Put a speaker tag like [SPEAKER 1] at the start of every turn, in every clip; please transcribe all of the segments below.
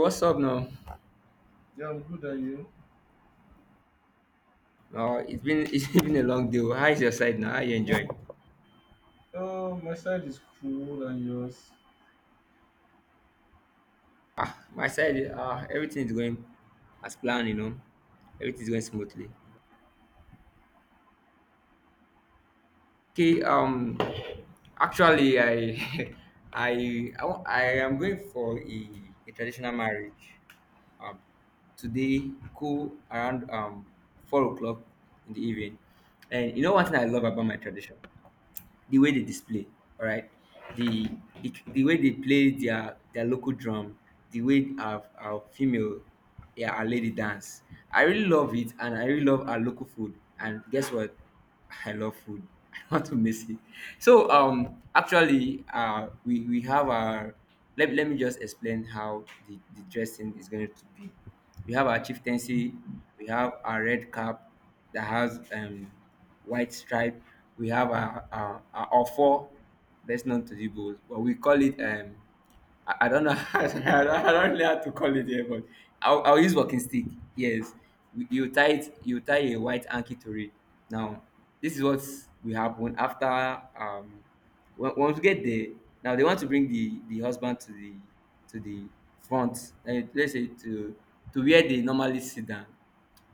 [SPEAKER 1] What's up now?
[SPEAKER 2] Yeah, I'm good. And you?
[SPEAKER 1] It's been it's been a long day. How is your side now? How you enjoying?
[SPEAKER 2] Oh, my side is cool and yours.
[SPEAKER 1] My side, everything is going as planned. You know, everything is going smoothly. Okay. Actually, I I I am going for a traditional marriage. Um, today, cool around 4 o'clock in the evening. And you know one thing I love about my tradition? The way they display, all right, the the way they play their local drum, the way our female, yeah, our lady dance. I really love it, and I really love our local food. And guess what? I love food. I don't want to miss it. So actually, we have our let me just explain how the dressing is going to be. We have our chieftaincy, we have our red cap that has white stripe. We have our ofo. That's known to, but we call it. I don't know. I don't know how to call it here, but I'll use walking stick. Yes, you tie it. You tie a white anki to it. Now, this is what will happen after um. Once we get there, now they want to bring the husband to the to the front. Let's say to where they normally sit down.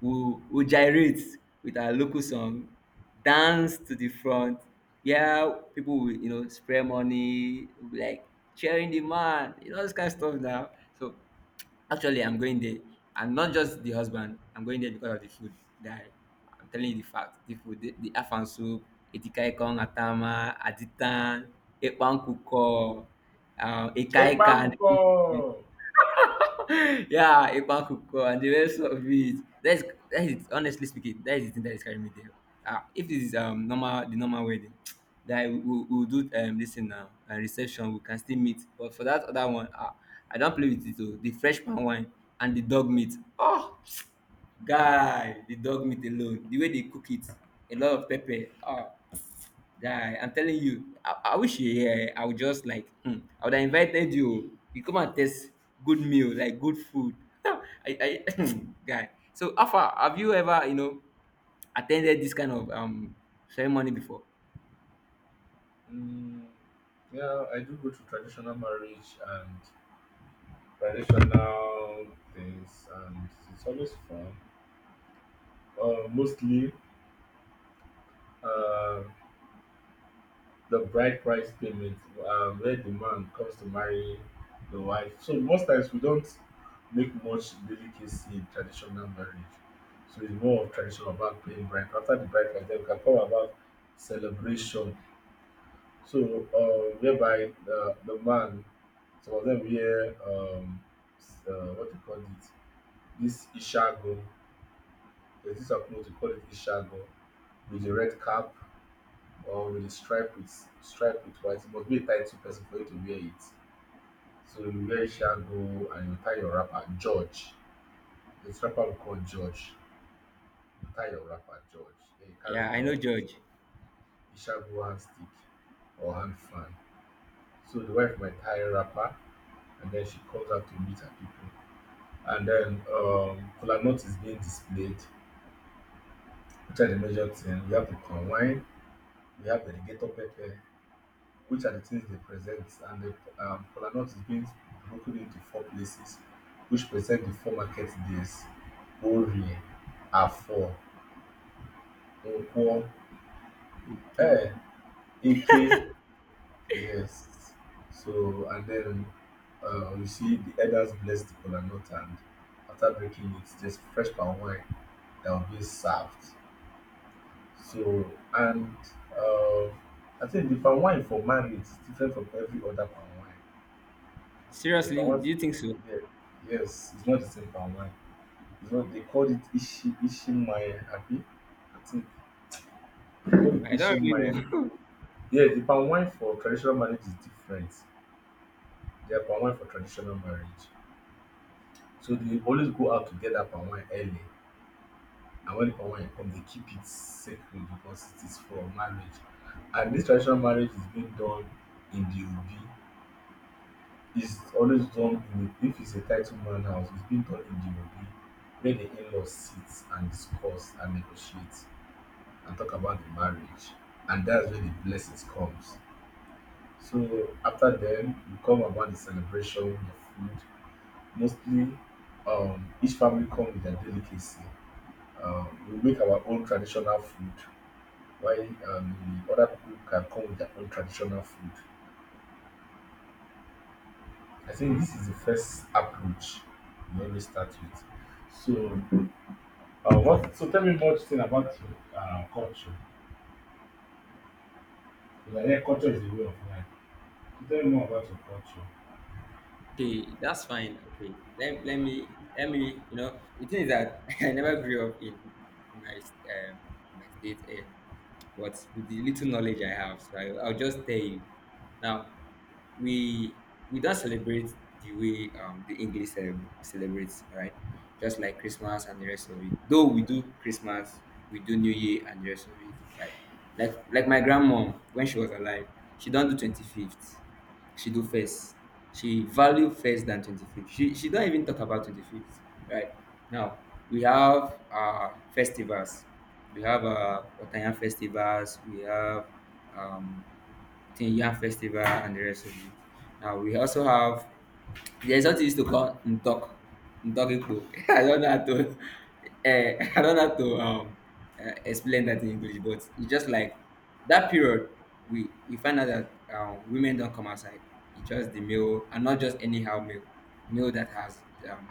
[SPEAKER 1] We'll gyrate with our local song, dance to the front. Yeah, people will, spray money, will be like cheering the man, this kind of stuff now. So actually, I'm going there. And not just the husband, I'm going there because of the food, guy. I'm telling you the fact. The food, the afan soup, etikaikon atama, aditan, ekpan kuko,
[SPEAKER 2] Epa
[SPEAKER 1] ekaika,
[SPEAKER 2] nkụkọ.
[SPEAKER 1] yeah, a Ipakuko and the rest of it. That is, honestly speaking, that is the thing that is carrying me there. Ah, if this is normal the normal wedding, that we will do this thing now and reception we can still meet. But for that other one, I don't play with it. Oh, the freshman wine and the dog meat. Oh, guy, the dog meat alone, the way they cook it, a lot of pepper. Ah. Guy, I'm telling you, I wish you here. I would just like, I would have invited you. You come and taste good meal, like good food. I, guy. So, Alpha, have you ever, attended this kind of ceremony before?
[SPEAKER 2] Mm, yeah, I do go to traditional marriage and traditional things, and it's always fun. Mostly, um, the bride price payment, where the man comes to marry the wife. So most times we don't make much delicacy in traditional marriage. So it's more of tradition about paying bride. After the bride price, then we can come about celebration. Whereby the man, some of them wear, um, what you call it, this ishago. There's this approach to call it ishago with the red cap or with the stripe with white. It must be a title person for you to wear it. So you wear shago and you tie your wrapper, George. This wrapper we call George. You tie your wrapper, George. Then you carry
[SPEAKER 1] Yeah, I know,
[SPEAKER 2] your
[SPEAKER 1] George.
[SPEAKER 2] shago hand stick or hand fan. So the wife might tie a wrapper and then she comes out to meet her people. And then kola nut is being displayed, which are the major thing. We have the palm wine, we have the alligator pepper, which are the things they present. And the kola nut is being broken into four places, which present the four market days: Orie, Afor, Nkwo,
[SPEAKER 1] Okay.
[SPEAKER 2] eh, Eke. Yes. So and then you see the elders bless the kola nut, and after breaking it, there's fresh palm wine that will be served. So and uh, I think the palm wine for marriage is different from every other palm wine. The I
[SPEAKER 1] Seriously,
[SPEAKER 2] want,
[SPEAKER 1] do you think so?
[SPEAKER 2] yeah, yes, it's not the same for online. It's what they called it Ishi, Ishimaya, happy. I think they call it
[SPEAKER 1] I don't really
[SPEAKER 2] Ishimaya.
[SPEAKER 1] know.
[SPEAKER 2] Yeah, the palm wine for traditional marriage is different. Their palm wine for traditional marriage. So they always go out to get that palm wine early. And when the palm wine comes, they keep it sacred because it is for marriage. And this traditional marriage is being done in the Obi. Is always done in a, if it's a title man house, it's been done in the obi where the in-laws sit and discuss and negotiate and talk about the marriage, and that's where the blessings comes. So after them, we come about the celebration, the food. Mostly, each family come with their delicacy. um we make our own traditional food, while the other people can come with their own traditional food. I think this is the first approach we always start with. So so tell me more thing about culture. Because I hear culture is a way of life. So tell me more about your culture.
[SPEAKER 1] Okay, that's fine. Okay, let me, the thing is that I never grew up in my um, my state and what with the little knowledge I have, so I'll just tell you. Now we we don't celebrate the way the English celebrates, all right? Just like Christmas and the rest of it. Though we do Christmas, we do New Year and the rest of it. Right? Like my grandmom when she was alive, she don't do 25th, she do first. She value first than 25th. She don't even talk about 25th. Right. Now, we have festivals. We have Otayan festivals. We have um, Tinyan festival and the rest of it. Now, we also have, there's what we used to call Ntok. Ndogikpo. I don't know how to. I don't know how to explain that in English, but it's just like that period. We you find out that women don't come outside. It's just the male, and not just anyhow male, male that has um,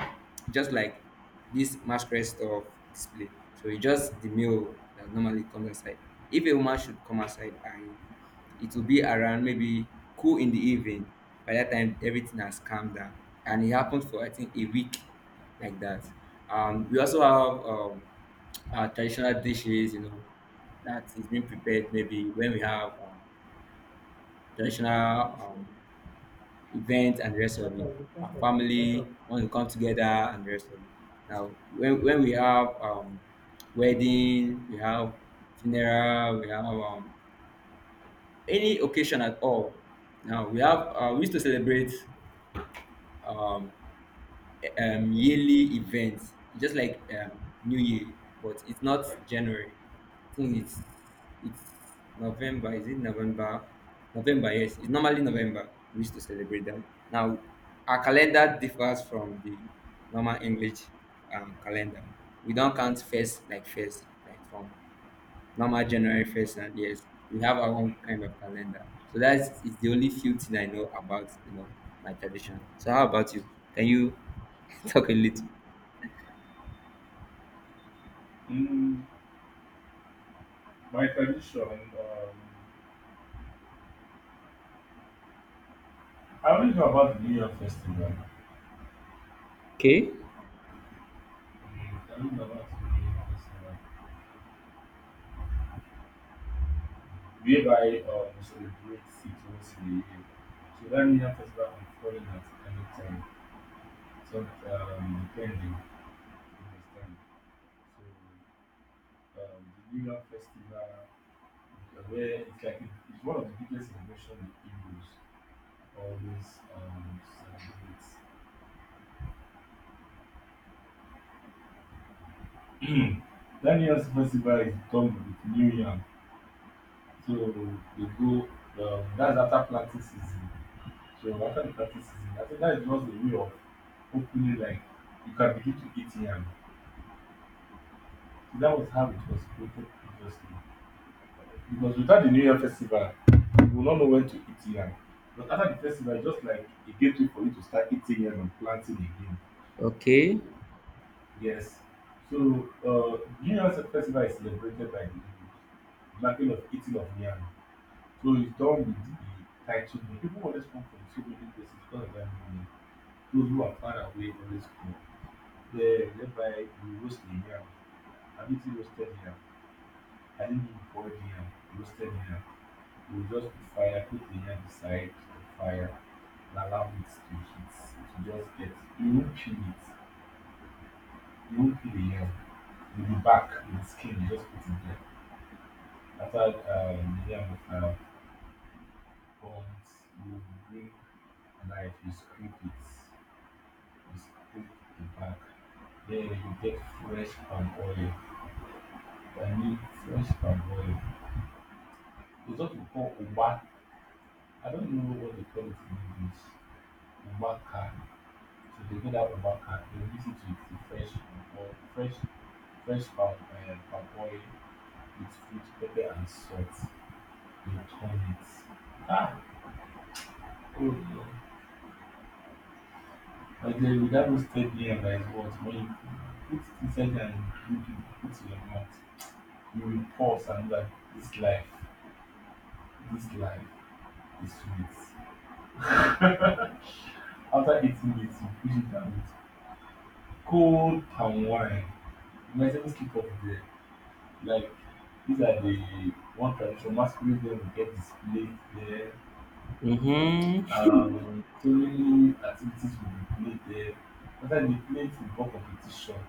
[SPEAKER 1] just like this masquerade stuff display. So it's just the male that normally comes outside. If a woman should come outside and it will be around maybe cool in the evening. By that time, everything has calmed down, and it happened for I think a week like that. We also have our traditional dishes, that is being prepared maybe when we have traditional um, events and the rest of it. Our family want to come together and the rest of it. Now, when we have wedding, we have funeral, we have any occasion at all. Now we have we used to celebrate um, yearly events, just like New Year, but it's not January. I think it's November. Is it November? November, yes. It's normally November. We used to celebrate that. Now our calendar differs from the normal English calendar. We don't count first, like from normal January 1st, and yes, we have our own kind of calendar. So that's it's the only few thing I know about, my tradition. So how about you? Can you talk a little?
[SPEAKER 2] Mm, my tradition, I only know about the New Year Festival.
[SPEAKER 1] Okay,
[SPEAKER 2] Mm, I don't know about the New Year Festival. Whereby, we celebrate it once in a year. So that New Year Festival can fall in at any time. So, depending, you understand. So, the New Year Festival, where it's like, it's one of the biggest celebrations in Hebrews. All those celebrities. That festival is done with New Yam. So they go, that's after planting season. So after the planting season, I think that is just a way of opening, like, you can begin to eat yam. So that was how it was created previously. Because without the New Year festival, you will not know when to eat yam. But after the festival, it's just like a gateway for you to start eating yam and planting again.
[SPEAKER 1] okay,
[SPEAKER 2] Yes. So, New Festival is celebrated by the Igbo, marking of eating of yam. So it's done with the title meal. People always come from so many places because of that meal. Those who are far away always come. Thereby we roast the yam. Have you seen roasted yam? I didn't even boil the yam. Roasted yam. We will just put fire, put the yam beside the fire, and allow it to heat. To just get, you won't peel it. You won't peel the yam. Back bark, the skin, you just put it there. After the yam is now burnt, you bring a knife, you scrape it, you scrape the back. Then you get fresh palm oil. I mean, fresh palm oil. It's what we call uba. I don't know what they call it in English. Ubaka. So they get that ubaka. They mix it with the fresh palm oil, fresh, fresh palm, palm oil with fruit, pepper, and salt. Ah! Oh no. But then you that roasted yam, that is what? When you put it inside and you do put it in your mouth, you will pause and be like, this life, this life is sweet. After eating it, you push it down with cold palm wine. You might even skip off there. Like, these are the one tradition masquerade them will get displayed there.
[SPEAKER 1] mm-hmm.
[SPEAKER 2] So many activities will be played there. After the play football competition,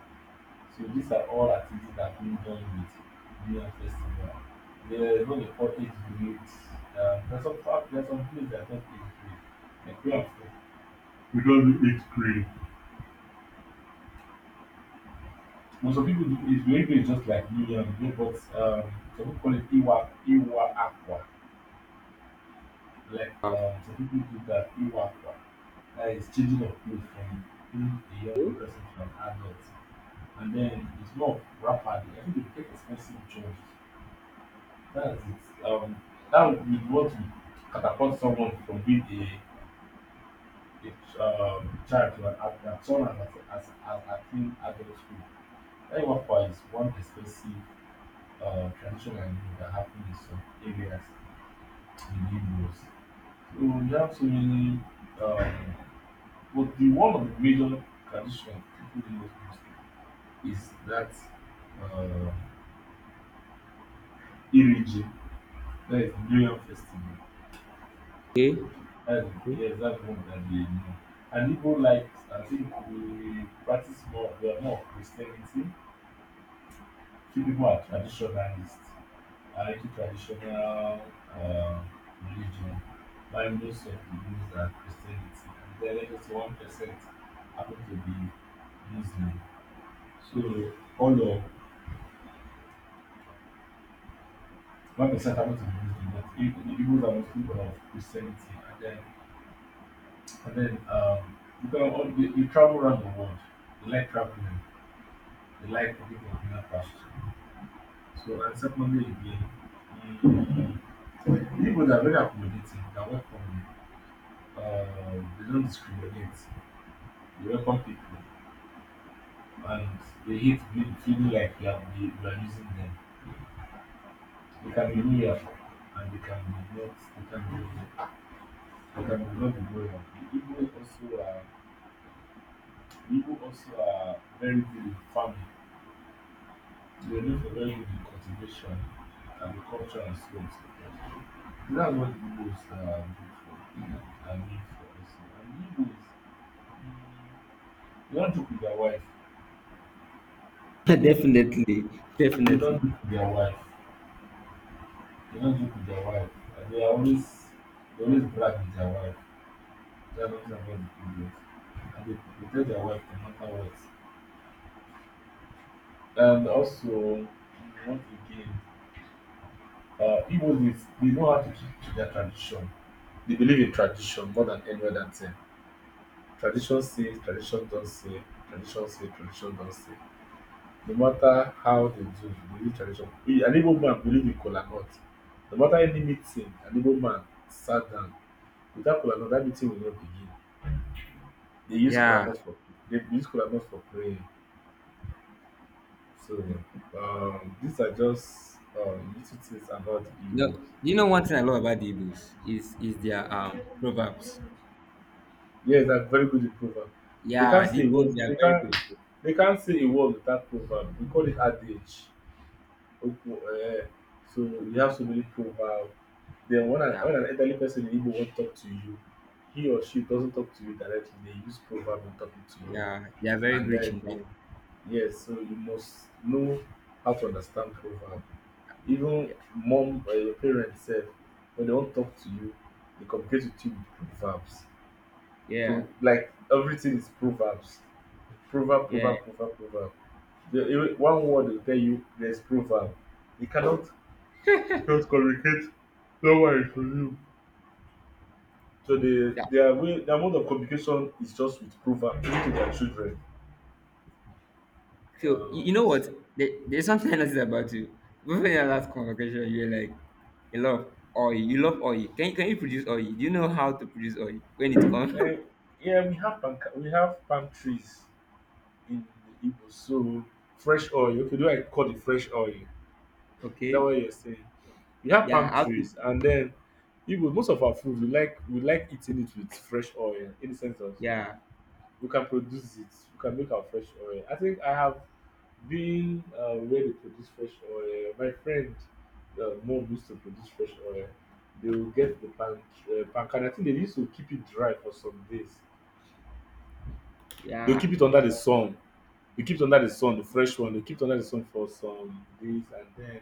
[SPEAKER 2] so these are all activities that can be done with Union Festival. There's what they call age groups. There's some fact, there's some place that don't age group. Like we have, we don't do age group. Most of people do age group is just like Union, you know, but some people call it Iwa Aqua. Like some
[SPEAKER 1] Okay.
[SPEAKER 2] people do that Iwa Aqua. That is changing of clothes from being a young person to an adult. And then it's more rapid. I think they take expensive jobs. That's it. That would be what would catapult someone from being a child to an adult, as soon as as attaining adult school. That workflow is one expensive traditional idea that happens in some areas in Igbo's. So you have so many, um, but the one of the major tradition people do most is that, uh, Iriji, that is the New Year festival. That's,
[SPEAKER 1] Okay.
[SPEAKER 2] yes, that's one that we know. And people like, I think we practice more, we are more of Christianity. Few people are traditionalists, are into traditional uh, religion. Why most of the Igbos are Christianity. And then like just 1% happen to be Muslim. So all of 1% happen to be Muslim, but the Igbos are mostly people of Christianity. And then because all, they travel around the world, they like traveling, rely upon people on that first. So, and secondly, again, mm, people that are very accommodating, they welcome. Uh, they don't discriminate, they welcome people, and they hate being feeling like you are using them. They can be loyal, and they can be not, they can be not be loyal. People also are, people also are very good in, they will live a very good in cultivation, agriculture and slaves. That's what the Igbos are good for and live for also. And the Igbos, they don't joke with their wife.
[SPEAKER 1] Definitely,
[SPEAKER 2] They
[SPEAKER 1] definitely.
[SPEAKER 2] don't joke with their wife. They don't joke with their wife. And they are always, they always brag with their wife. They are what about the Igbos. And they tell their wife no matter what. And also once again, uh, Igbos, they know how to keep to their tradition. They believe in tradition more than any other thing. Tradition say, tradition don say, tradition say, tradition don say, no matter how dem do you believe tradition. An igbo man believe in kola nut. No matter any meeting an igbo man sat down without kola nut, dat meeting will not begin. Dey use kola
[SPEAKER 1] Yeah.
[SPEAKER 2] nut for, dey use kola nut for praying. So these are just little things about the
[SPEAKER 1] You
[SPEAKER 2] Igbos.
[SPEAKER 1] know, one thing I love about the Igbos is their
[SPEAKER 2] And
[SPEAKER 1] proverbs.
[SPEAKER 2] yes, thats very good in proverb. they
[SPEAKER 1] Yeah,
[SPEAKER 2] can't
[SPEAKER 1] the
[SPEAKER 2] say a word
[SPEAKER 1] Igbos they are
[SPEAKER 2] they
[SPEAKER 1] very good
[SPEAKER 2] can't they can't say a word without proverb, we call it adage. Ukwu, eh, so you have so many proverbs. Then
[SPEAKER 1] Yeah,
[SPEAKER 2] when an elderly person in Igbo won't talk to you, he or she doesn't talk to you directly. They use proverb in talking to you.
[SPEAKER 1] yeah, they are very
[SPEAKER 2] And
[SPEAKER 1] rich
[SPEAKER 2] then,
[SPEAKER 1] in that.
[SPEAKER 2] eh, yes, so you must know how to understand proverb. Even
[SPEAKER 1] Yeah,
[SPEAKER 2] mom or your parents said, when they won't talk to you, they communicate with you with proverbs.
[SPEAKER 1] yeah,
[SPEAKER 2] Pro, like everything is proverbs. Proverb,
[SPEAKER 1] yeah.
[SPEAKER 2] proverb, proverb, proverb. The, one word will tell you there's proverb. You cannot just communicate. No one is for you. So the
[SPEAKER 1] Yeah.
[SPEAKER 2] their way, the amount of communication is just with proverb even to their children.
[SPEAKER 1] So you,
[SPEAKER 2] Wow.
[SPEAKER 1] you know what? There's something I noticed about you. Before your last convocation, you were like, "You love oil. You love oil. Can you produce oil? Do you know how to produce oil when it comes?"
[SPEAKER 2] Eh, yeah, we have palm, we have palm trees in the Igbo. So fresh oil. Okay, do I call it fresh oil? Is that
[SPEAKER 1] Okay,
[SPEAKER 2] what you're saying? We have
[SPEAKER 1] yeah,
[SPEAKER 2] palm
[SPEAKER 1] how to?
[SPEAKER 2] trees, and then Igbo most of our food we like, we like eating it with fresh oil in the sense of
[SPEAKER 1] Yeah,
[SPEAKER 2] we can produce it. We can make our fresh oil. I think I have been where they produce fresh oil. My friend, mom used to produce fresh oil. They will get the pan, palm kernel. I think they used to keep it dry for some days. They'll
[SPEAKER 1] yeah,
[SPEAKER 2] keep it under the sun. They keep it under the sun, the fresh one. They keep it under the sun for some days, and then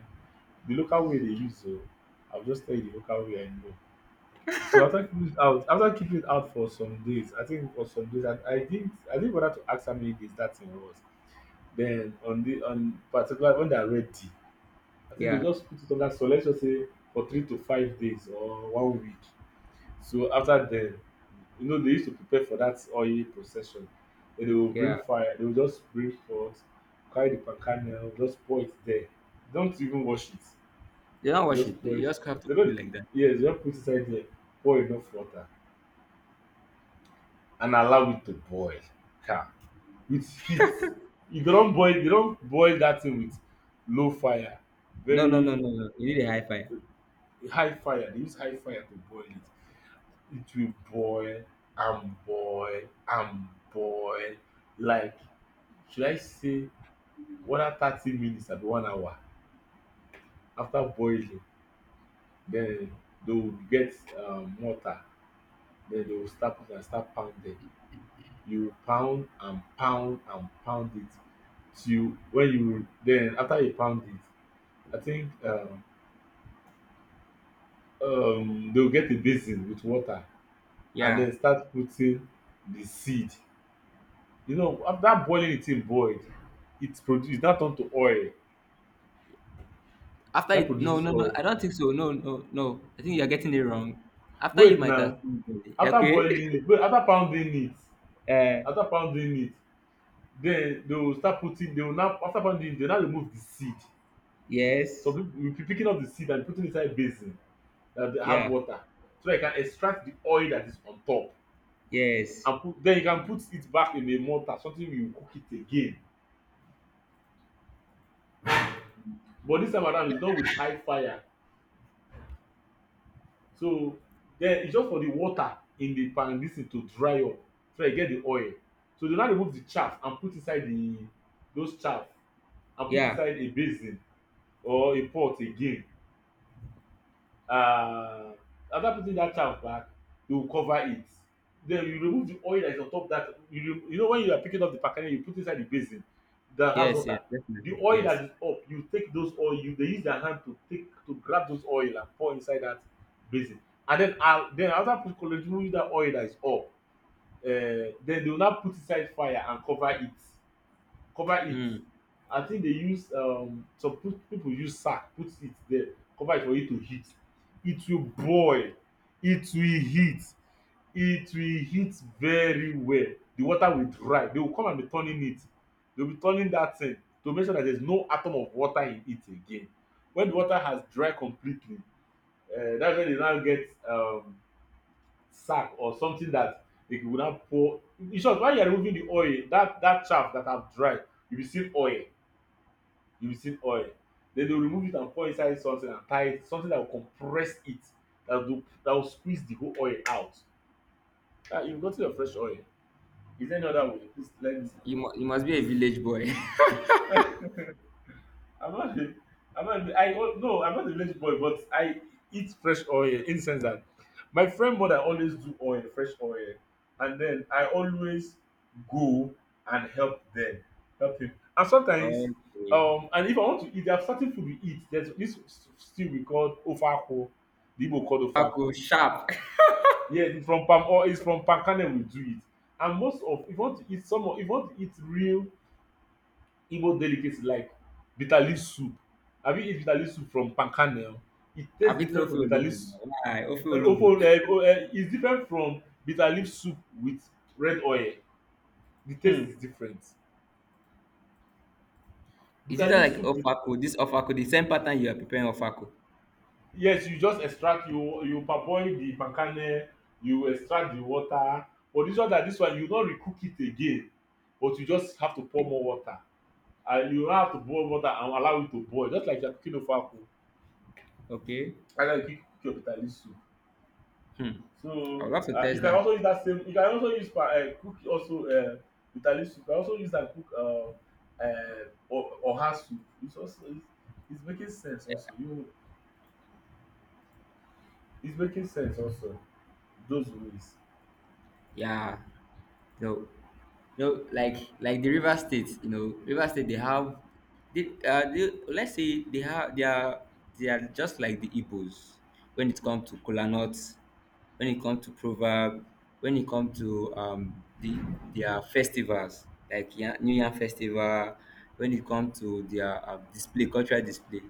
[SPEAKER 2] the local way they use. So I'll just tell you the local way I know. So after keeping it out for some days, I think for some days, I didn't bother to ask how many days that thing was. Then on the on particular when they are ready, I think they
[SPEAKER 1] yeah,
[SPEAKER 2] just put it on that. So let's just say for 3 to 5 days or one week. So after then, you know they used to prepare for that oil procession. Then they will bring
[SPEAKER 1] yeah.
[SPEAKER 2] fire. They will just bring forth, carry the palm kernel, just pour it there. Don't even wash it.
[SPEAKER 1] You don't
[SPEAKER 2] They
[SPEAKER 1] wash
[SPEAKER 2] just
[SPEAKER 1] it.
[SPEAKER 2] pour
[SPEAKER 1] You
[SPEAKER 2] it.
[SPEAKER 1] just have to
[SPEAKER 2] They
[SPEAKER 1] cook it
[SPEAKER 2] don't.
[SPEAKER 1] like that.
[SPEAKER 2] Yes, just put it inside there. Pour enough water and allow it to boil. Ha, with heat. E don't boil You don't boil that thing with low fire,
[SPEAKER 1] No, no,
[SPEAKER 2] very
[SPEAKER 1] no, no, no. You need a high fire.
[SPEAKER 2] high fire. They use high fire to boil It will boil and boil and boil, like, should I say, whether 30 minutes abi one hour. After boiling, then they will get mortar. Then they will start put am, start pound dem. You pound and pound and pound it till when you, then after you pound it, I think they will get a basin with water and
[SPEAKER 1] Yeah.
[SPEAKER 2] then start putting the seed. You know, after boiling, the thing boiled, it produce that, turn to oil.
[SPEAKER 1] After
[SPEAKER 2] That
[SPEAKER 1] it, no,
[SPEAKER 2] produces
[SPEAKER 1] no, no.
[SPEAKER 2] oil.
[SPEAKER 1] I don't think so. No, no, no. I think you're getting it wrong. After you
[SPEAKER 2] Wait
[SPEAKER 1] might have,
[SPEAKER 2] now, after
[SPEAKER 1] okay.
[SPEAKER 2] boiling it, wait,
[SPEAKER 1] Uh,
[SPEAKER 2] after pounding it, then they will start putting, they will now, after pounding it, they will now remove the seed. So
[SPEAKER 1] yes.
[SPEAKER 2] people will be picking up the seed and putting inside basin that they have
[SPEAKER 1] Yeah.
[SPEAKER 2] water. So that you can extract the oil that is on top.
[SPEAKER 1] Yes.
[SPEAKER 2] And put, then you can put it back in a mortar, something, you cook it again. But this time around it's done with high fire. So den it's just for the water in the pan, dis thing to dry up, so dat you get the oil. So dey now remove the chaff and put inside the, those chaff, and put
[SPEAKER 1] Yeah.
[SPEAKER 2] inside a basin or a pot again. uh, After putting that chaff back, you will cover it. Then you remove the oil that is on top of that, you re, you know, when you are picking up the palm, you put inside the basin, the house
[SPEAKER 1] Yes, yes,
[SPEAKER 2] water. The
[SPEAKER 1] definitely,
[SPEAKER 2] oil that
[SPEAKER 1] yes.
[SPEAKER 2] is up, you take those oil, you, they use their hand to take, to grab those oil and pour inside that basin. And then then after put, removing that oil that is up, then they will now put inside fire and cover it, cover it.
[SPEAKER 1] Mm.
[SPEAKER 2] I think they use some put, people use sack, put it there, cover it for it to heat. It will boil, it will heat, it will heat very well. The water will dry, they will come and be turning it. They will be turning that thing to make sure that there is no atom of water in it again. When the water has dry completely, that's when they now get sack or something that they will now pour. In short, while you are removing the oil, that, that chaff that have dried, you will see oil, you will see oil. Then they will remove it and pour inside something and tie it, something that will compress it, that will squeeze the whole oil out. You gotten your fresh oil. Is there any other way? Please let me know.
[SPEAKER 1] You must be a village boy.
[SPEAKER 2] I'm not a, I'm not a, I Oh, no, I'm not a village boy, but I eat fresh oil in the sense that my friend mother always do oil, fresh oil, and then I always go and help them, help him. And sometimes,
[SPEAKER 1] Okay.
[SPEAKER 2] and if I want to eat, there are certain food we eat. There's this stew we call ofako, the Igbo called ofako.
[SPEAKER 1] Ofako sharp.
[SPEAKER 2] Yeah, it's from palm oil, it's from palm kernel we do it. And most of, if you want to eat some, if you want to eat real Igbo delicacy like bitter leaf soup. Have you eat bitter leaf soup from palm? It tastes
[SPEAKER 1] I've eaten
[SPEAKER 2] different
[SPEAKER 1] ofe
[SPEAKER 2] from bitter leaf
[SPEAKER 1] olugbu
[SPEAKER 2] s-.
[SPEAKER 1] now. Why? Ofe
[SPEAKER 2] Ofo,
[SPEAKER 1] olugbu.
[SPEAKER 2] o, is different from bitter leaf soup with red oil. The taste
[SPEAKER 1] Hmm.
[SPEAKER 2] is different.
[SPEAKER 1] Is it
[SPEAKER 2] Bitter
[SPEAKER 1] just
[SPEAKER 2] leaf
[SPEAKER 1] like
[SPEAKER 2] soup with,
[SPEAKER 1] Ofako? This Ofako, the same pattern you are preparing Ofako.
[SPEAKER 2] yes, you just extract, you parboil the palm, you extract the water. But this one, that this one, you no recook it again, but you just have to pour more water and you have to boil water and allow it to boil, just like you are cooking ofo akwu.
[SPEAKER 1] Okay.
[SPEAKER 2] That's how you cook your bitter leaf soup.
[SPEAKER 1] Hmm. I
[SPEAKER 2] So,
[SPEAKER 1] would love to
[SPEAKER 2] you
[SPEAKER 1] test
[SPEAKER 2] can
[SPEAKER 1] that.
[SPEAKER 2] also use that same, you can also use pa cook also bitterleaf soup. You can also use am, cook um o oha soup. It's also, it's making sense also. You, it's making sense also those ways.
[SPEAKER 1] Yeah. No. No, like the River State, you know, River State they have let's say they have they are just like the Igbos when it comes to kola nuts, when it comes to proverb, when it comes to their festivals like New Year festival, when it comes to their display cultural display.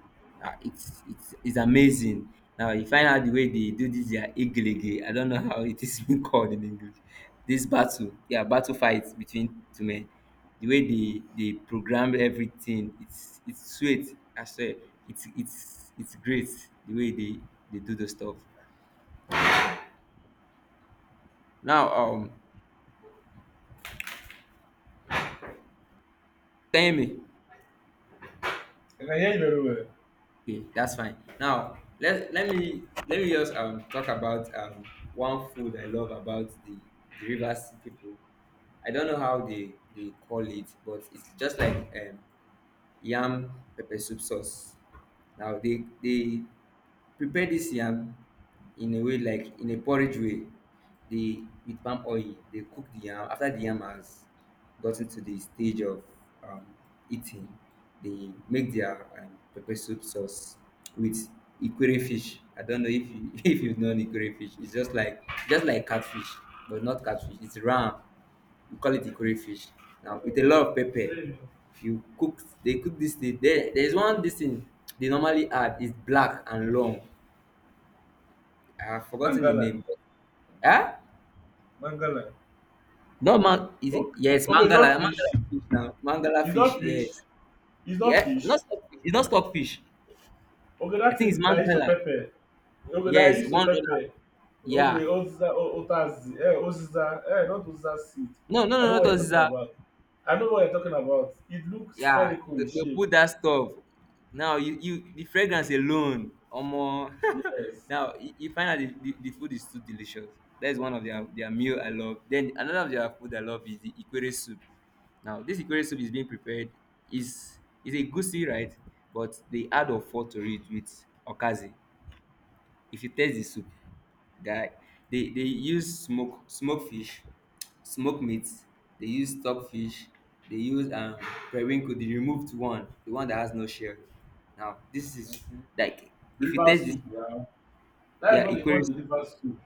[SPEAKER 1] Ah, it's amazing. Now you find out the way they do this their igiligi. I don't know how it is being called in English. This battle, yeah, battle fight between two men. The way they program everything, it's sweet. I swear, it's great the way they do the stuff. Now, tell me.
[SPEAKER 2] I can hear you very well.
[SPEAKER 1] Okay, that's fine. Now let me just talk about one food I love about the rivers people. I don't know how they call it, but it's just like yam pepper soup sauce. Now they prepare this yam in a way like in a porridge way. They with palm oil they cook the yam after the yam has gotten to the stage of um, eating. They make their pepper soup sauce with ikure fish. I don't know if you if you've known ikure fish. It's just like catfish, but not catfish. It's ram, we call it the ikore fish. Now with a lot of pepper, you cook they cook this thing. There's one this thing they normally add is black and long. I have forgotten the
[SPEAKER 2] Mangala,
[SPEAKER 1] name. Ah,
[SPEAKER 2] mangala.
[SPEAKER 1] no man, is it,
[SPEAKER 2] Okay,
[SPEAKER 1] yes,
[SPEAKER 2] okay, it's not
[SPEAKER 1] mangala, mangala
[SPEAKER 2] fish.
[SPEAKER 1] is fish now. Mangala
[SPEAKER 2] It's
[SPEAKER 1] fish,
[SPEAKER 2] not fish.
[SPEAKER 1] yes.
[SPEAKER 2] It's not
[SPEAKER 1] Yeah,
[SPEAKER 2] fish.
[SPEAKER 1] not stockfish. It's not stockfish.
[SPEAKER 2] Okay,
[SPEAKER 1] I
[SPEAKER 2] that
[SPEAKER 1] think it's
[SPEAKER 2] thing that I use to
[SPEAKER 1] mangala.
[SPEAKER 2] pepper. Okay, that I
[SPEAKER 1] Yes,
[SPEAKER 2] use to
[SPEAKER 1] $1.
[SPEAKER 2] pepper. Okay,
[SPEAKER 1] Yeah.
[SPEAKER 2] Oziza, Otazi, Oziza, not Oziza seed.
[SPEAKER 1] No, no,
[SPEAKER 2] I
[SPEAKER 1] no,
[SPEAKER 2] know
[SPEAKER 1] not
[SPEAKER 2] what you're talking
[SPEAKER 1] Oziza.
[SPEAKER 2] about. I know what you're talking about. It looks
[SPEAKER 1] Yeah,
[SPEAKER 2] spherical
[SPEAKER 1] they,
[SPEAKER 2] in
[SPEAKER 1] they
[SPEAKER 2] shape.
[SPEAKER 1] put that stuff. Now you the fragrance alone, omo.
[SPEAKER 2] Yes.
[SPEAKER 1] Now you find out the food is too delicious. That is one of their meal I love. Then another of their food I love is the ikwere soup. Now this ikwere soup is being prepared is is a goosey, right? But they add ofo to it with okazi. If you taste the soup, guy, they use smoke fish, smoke meat, they use stock fish, they use periwinkle, the removed one, the one that has no shell. Now this is
[SPEAKER 2] Okay.
[SPEAKER 1] like, if you
[SPEAKER 2] River
[SPEAKER 1] taste this,
[SPEAKER 2] soup, yeah. That's
[SPEAKER 1] yeah
[SPEAKER 2] what they call
[SPEAKER 1] equals,
[SPEAKER 2] the river soup.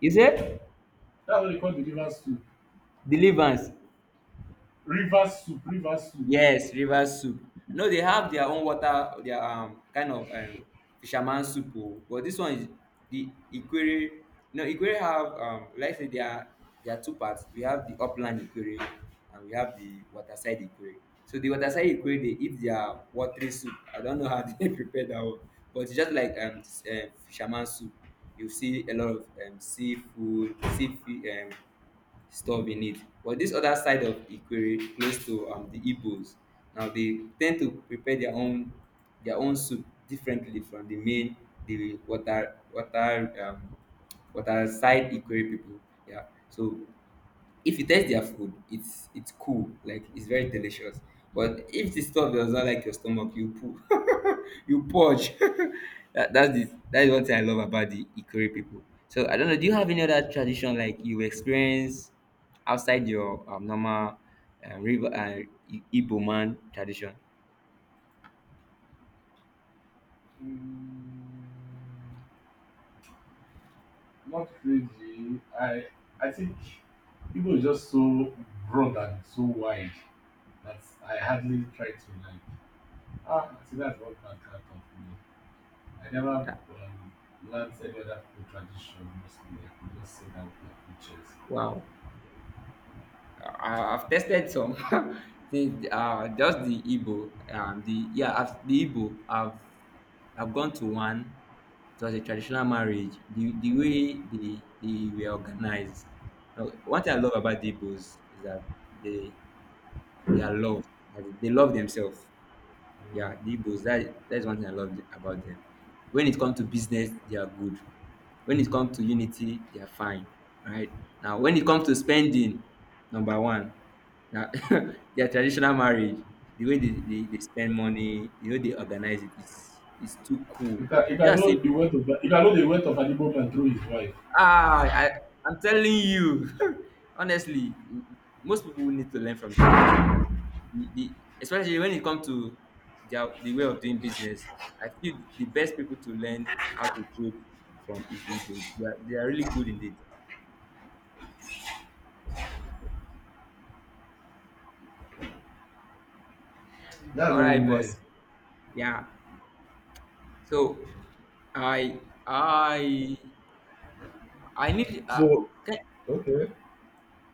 [SPEAKER 1] you say
[SPEAKER 2] That's what they call the river soup.
[SPEAKER 1] deliverance.
[SPEAKER 2] River soup, river soup.
[SPEAKER 1] Yes, river soup. No, they have their own water, their kind of fisherman soup o, but this one is the ikwere. No, ikwere have like say their two parts. We have the upland ikwere and we have the waterside ikwere. So the waterside ikwere dey eat their watery soup. I don't know how they prepare that one. But it's just like fisherman soup. You see a lot of seafood, stuff in it. But this other side of Ikwere, close to the Igbos, now they tend to prepare their own, soup differently from the main, the water water water side Ikwere people. Yeah, so if you taste their food, it's cool, like it's very delicious. But if the stuff does not like your stomach, you poo you purge. that, that's the that is one thing I love about the ikore people. So I don't know, do you have any other tradition like you experience outside your normal river igbo man tradition
[SPEAKER 2] Mm, Not crazy. I think people is just so broad and so wide that I hardly try to like. Ah, I think that's what my cat taught me. I never
[SPEAKER 1] that,
[SPEAKER 2] um, learned any other food tradition mostly. I could just say that like pictures.
[SPEAKER 1] wow. I've tested some things, just the Igbo. The yeah, the Igbo. I've gone to one. It was a traditional marriage. The way they were organized. Now, one thing I love about the Igbos is that they they are loved. They love themselves. Yeah, the Igbos, that's one thing I love about them. When it comes to business, they are good. When it comes to unity, they are fine. Right? Now when it comes to spending, number one, now their traditional marriage, the way they spend money, the way they organize it, it's too cool.
[SPEAKER 2] You can, you
[SPEAKER 1] They are
[SPEAKER 2] can know
[SPEAKER 1] saying,
[SPEAKER 2] the weight of, you can know the weight of an Igbo man through his wife.
[SPEAKER 1] ah, I'm telling you. Honestly, most people will need to learn from the Igbos. The Especially when it comes to the way of doing business, I feel the best people to learn how to trade from is the Igbos. They are really good in it.
[SPEAKER 2] That's
[SPEAKER 1] All
[SPEAKER 2] very
[SPEAKER 1] right, boss.
[SPEAKER 2] nice.
[SPEAKER 1] Yeah. So I I I need
[SPEAKER 2] So
[SPEAKER 1] can,
[SPEAKER 2] okay,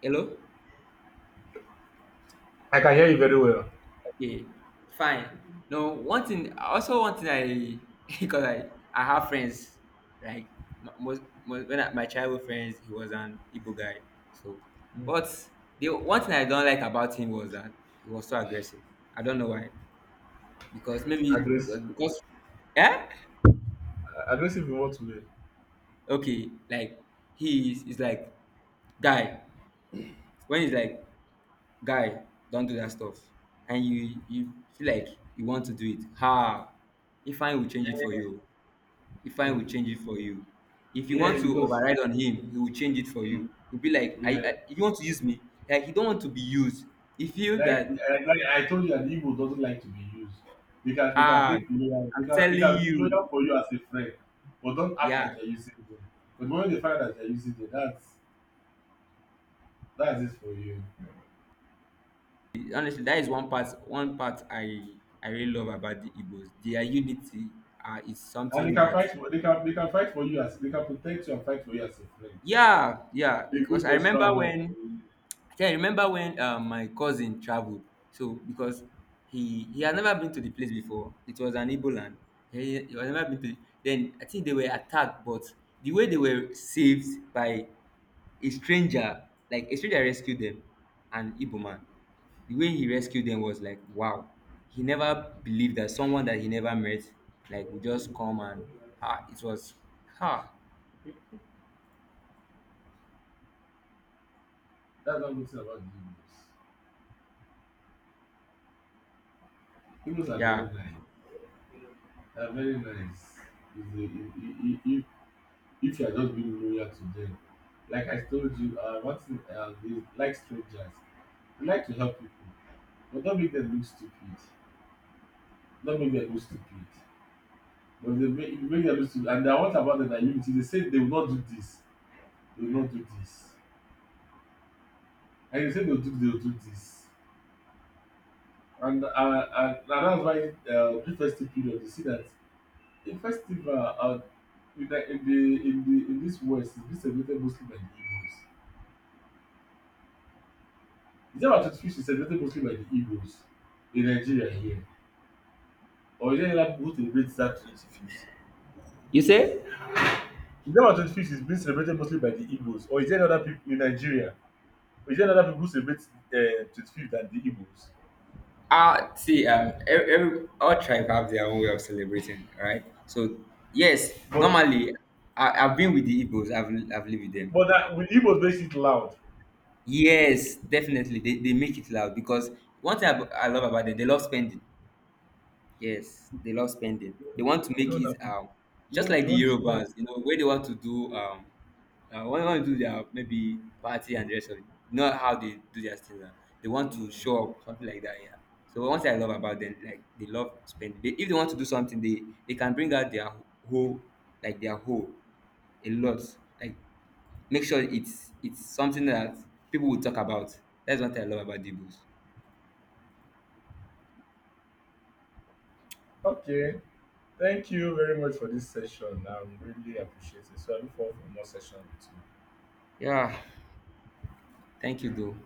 [SPEAKER 1] hello.
[SPEAKER 2] I can hear you very well.
[SPEAKER 1] Okay, fine. No, one thing, also one thing because I have friends, like most when my childhood friends, he was an Igbo guy. So,
[SPEAKER 2] Mm.
[SPEAKER 1] but the one thing I don't like about him was that he was so aggressive. I don't know why, because maybe it was
[SPEAKER 2] Aggressive,
[SPEAKER 1] because, yeah,
[SPEAKER 2] aggressive in what way?
[SPEAKER 1] okay, like he is like guy. When he's like guy, don't do that stuff, and you feel like you want to do it. Ha, if I will change it for you. If I
[SPEAKER 2] Oh.
[SPEAKER 1] will change it for you. If you want
[SPEAKER 2] Yeah,
[SPEAKER 1] to
[SPEAKER 2] because
[SPEAKER 1] override on him, he will change it for you.
[SPEAKER 2] mm,
[SPEAKER 1] He'll be like, I,
[SPEAKER 2] yeah,
[SPEAKER 1] I you want to use me? Like he don't want to be used. He feel
[SPEAKER 2] like
[SPEAKER 1] that
[SPEAKER 2] I, like I told you, an Igbo doesn't like to be used. They can
[SPEAKER 1] hard.
[SPEAKER 2] take you loyal, they
[SPEAKER 1] I'm
[SPEAKER 2] can they
[SPEAKER 1] telling
[SPEAKER 2] can be loyal
[SPEAKER 1] you.
[SPEAKER 2] for you as a friend, but don't act like
[SPEAKER 1] Yeah.
[SPEAKER 2] you're using them. But when they find out that you're using them, that's it for you.
[SPEAKER 1] Honestly, that is one part I really love about the Igbos. Their unity is
[SPEAKER 2] And they
[SPEAKER 1] something
[SPEAKER 2] can
[SPEAKER 1] that.
[SPEAKER 2] fight for, they can fight for you, as they can protect you and fight for you as a friend.
[SPEAKER 1] Yeah, yeah.
[SPEAKER 2] They go
[SPEAKER 1] Because
[SPEAKER 2] to
[SPEAKER 1] I remember
[SPEAKER 2] extra mile for
[SPEAKER 1] when
[SPEAKER 2] you.
[SPEAKER 1] yeah, I remember when my cousin traveled. So because he had never been to the place before. It was an Igbo land. He had never been to. Then I think they were attacked, but the way they were saved by a stranger, like a stranger rescued them, an Igbo man. The way he rescued them was like, wow. He never believed that someone that he never met like would just come and, ah, it was, ah,
[SPEAKER 2] That's one good thing about the Igbos. Igbos are very
[SPEAKER 1] yeah.
[SPEAKER 2] nice. They are very nice. If they if you are just being loyal to them. Like I told you, one thing, they like strangers. They like to help people, but don't make them look stupid. Don't make them look stupid. But they make, if you make them look stupid, and they are what about them that you, they say they will not do this. They will not do this. And you say they'll do this. And that's why, the festive period, you see that a festival, in the in the in the in this west is being celebrated mostly by the Igbos. December 25th is celebrated mostly by the Igbos in Nigeria here, or is there any other people who celebrate that 25th?
[SPEAKER 1] You say?
[SPEAKER 2] December 25th is being celebrated mostly by the Igbos, or is there any other people in Nigeria, or is there any other people who celebrate 25th than the Igbos?
[SPEAKER 1] See, every all tribe have their own way of celebrating, right? So yes,
[SPEAKER 2] but
[SPEAKER 1] normally I've been with the Igbos, I've lived with them,
[SPEAKER 2] but
[SPEAKER 1] right?
[SPEAKER 2] that with Igbos makes it loud.
[SPEAKER 1] Yes, definitely they make it loud, because one thing I love about them, they love spending. Yes, they love spending. They want to
[SPEAKER 2] your
[SPEAKER 1] make
[SPEAKER 2] own
[SPEAKER 1] it
[SPEAKER 2] your
[SPEAKER 1] just
[SPEAKER 2] own
[SPEAKER 1] like
[SPEAKER 2] your own
[SPEAKER 1] the
[SPEAKER 2] is more.
[SPEAKER 1] Yorubas, where they want to do when they want to do their maybe party and the rest of it. Not how they do their things. They want to
[SPEAKER 2] Mm,
[SPEAKER 1] show up something like that. Yeah. So one thing I love about them, like they love spending. If they want to do something, they can bring out their whole, like their whole, a lot. Like make sure it's something that people will talk about. That's what I love about the books.
[SPEAKER 2] okay. Thank you very much for this session. I'm really appreciating. It. So I look forward for more session with you.
[SPEAKER 1] Yeah. Thank you, though.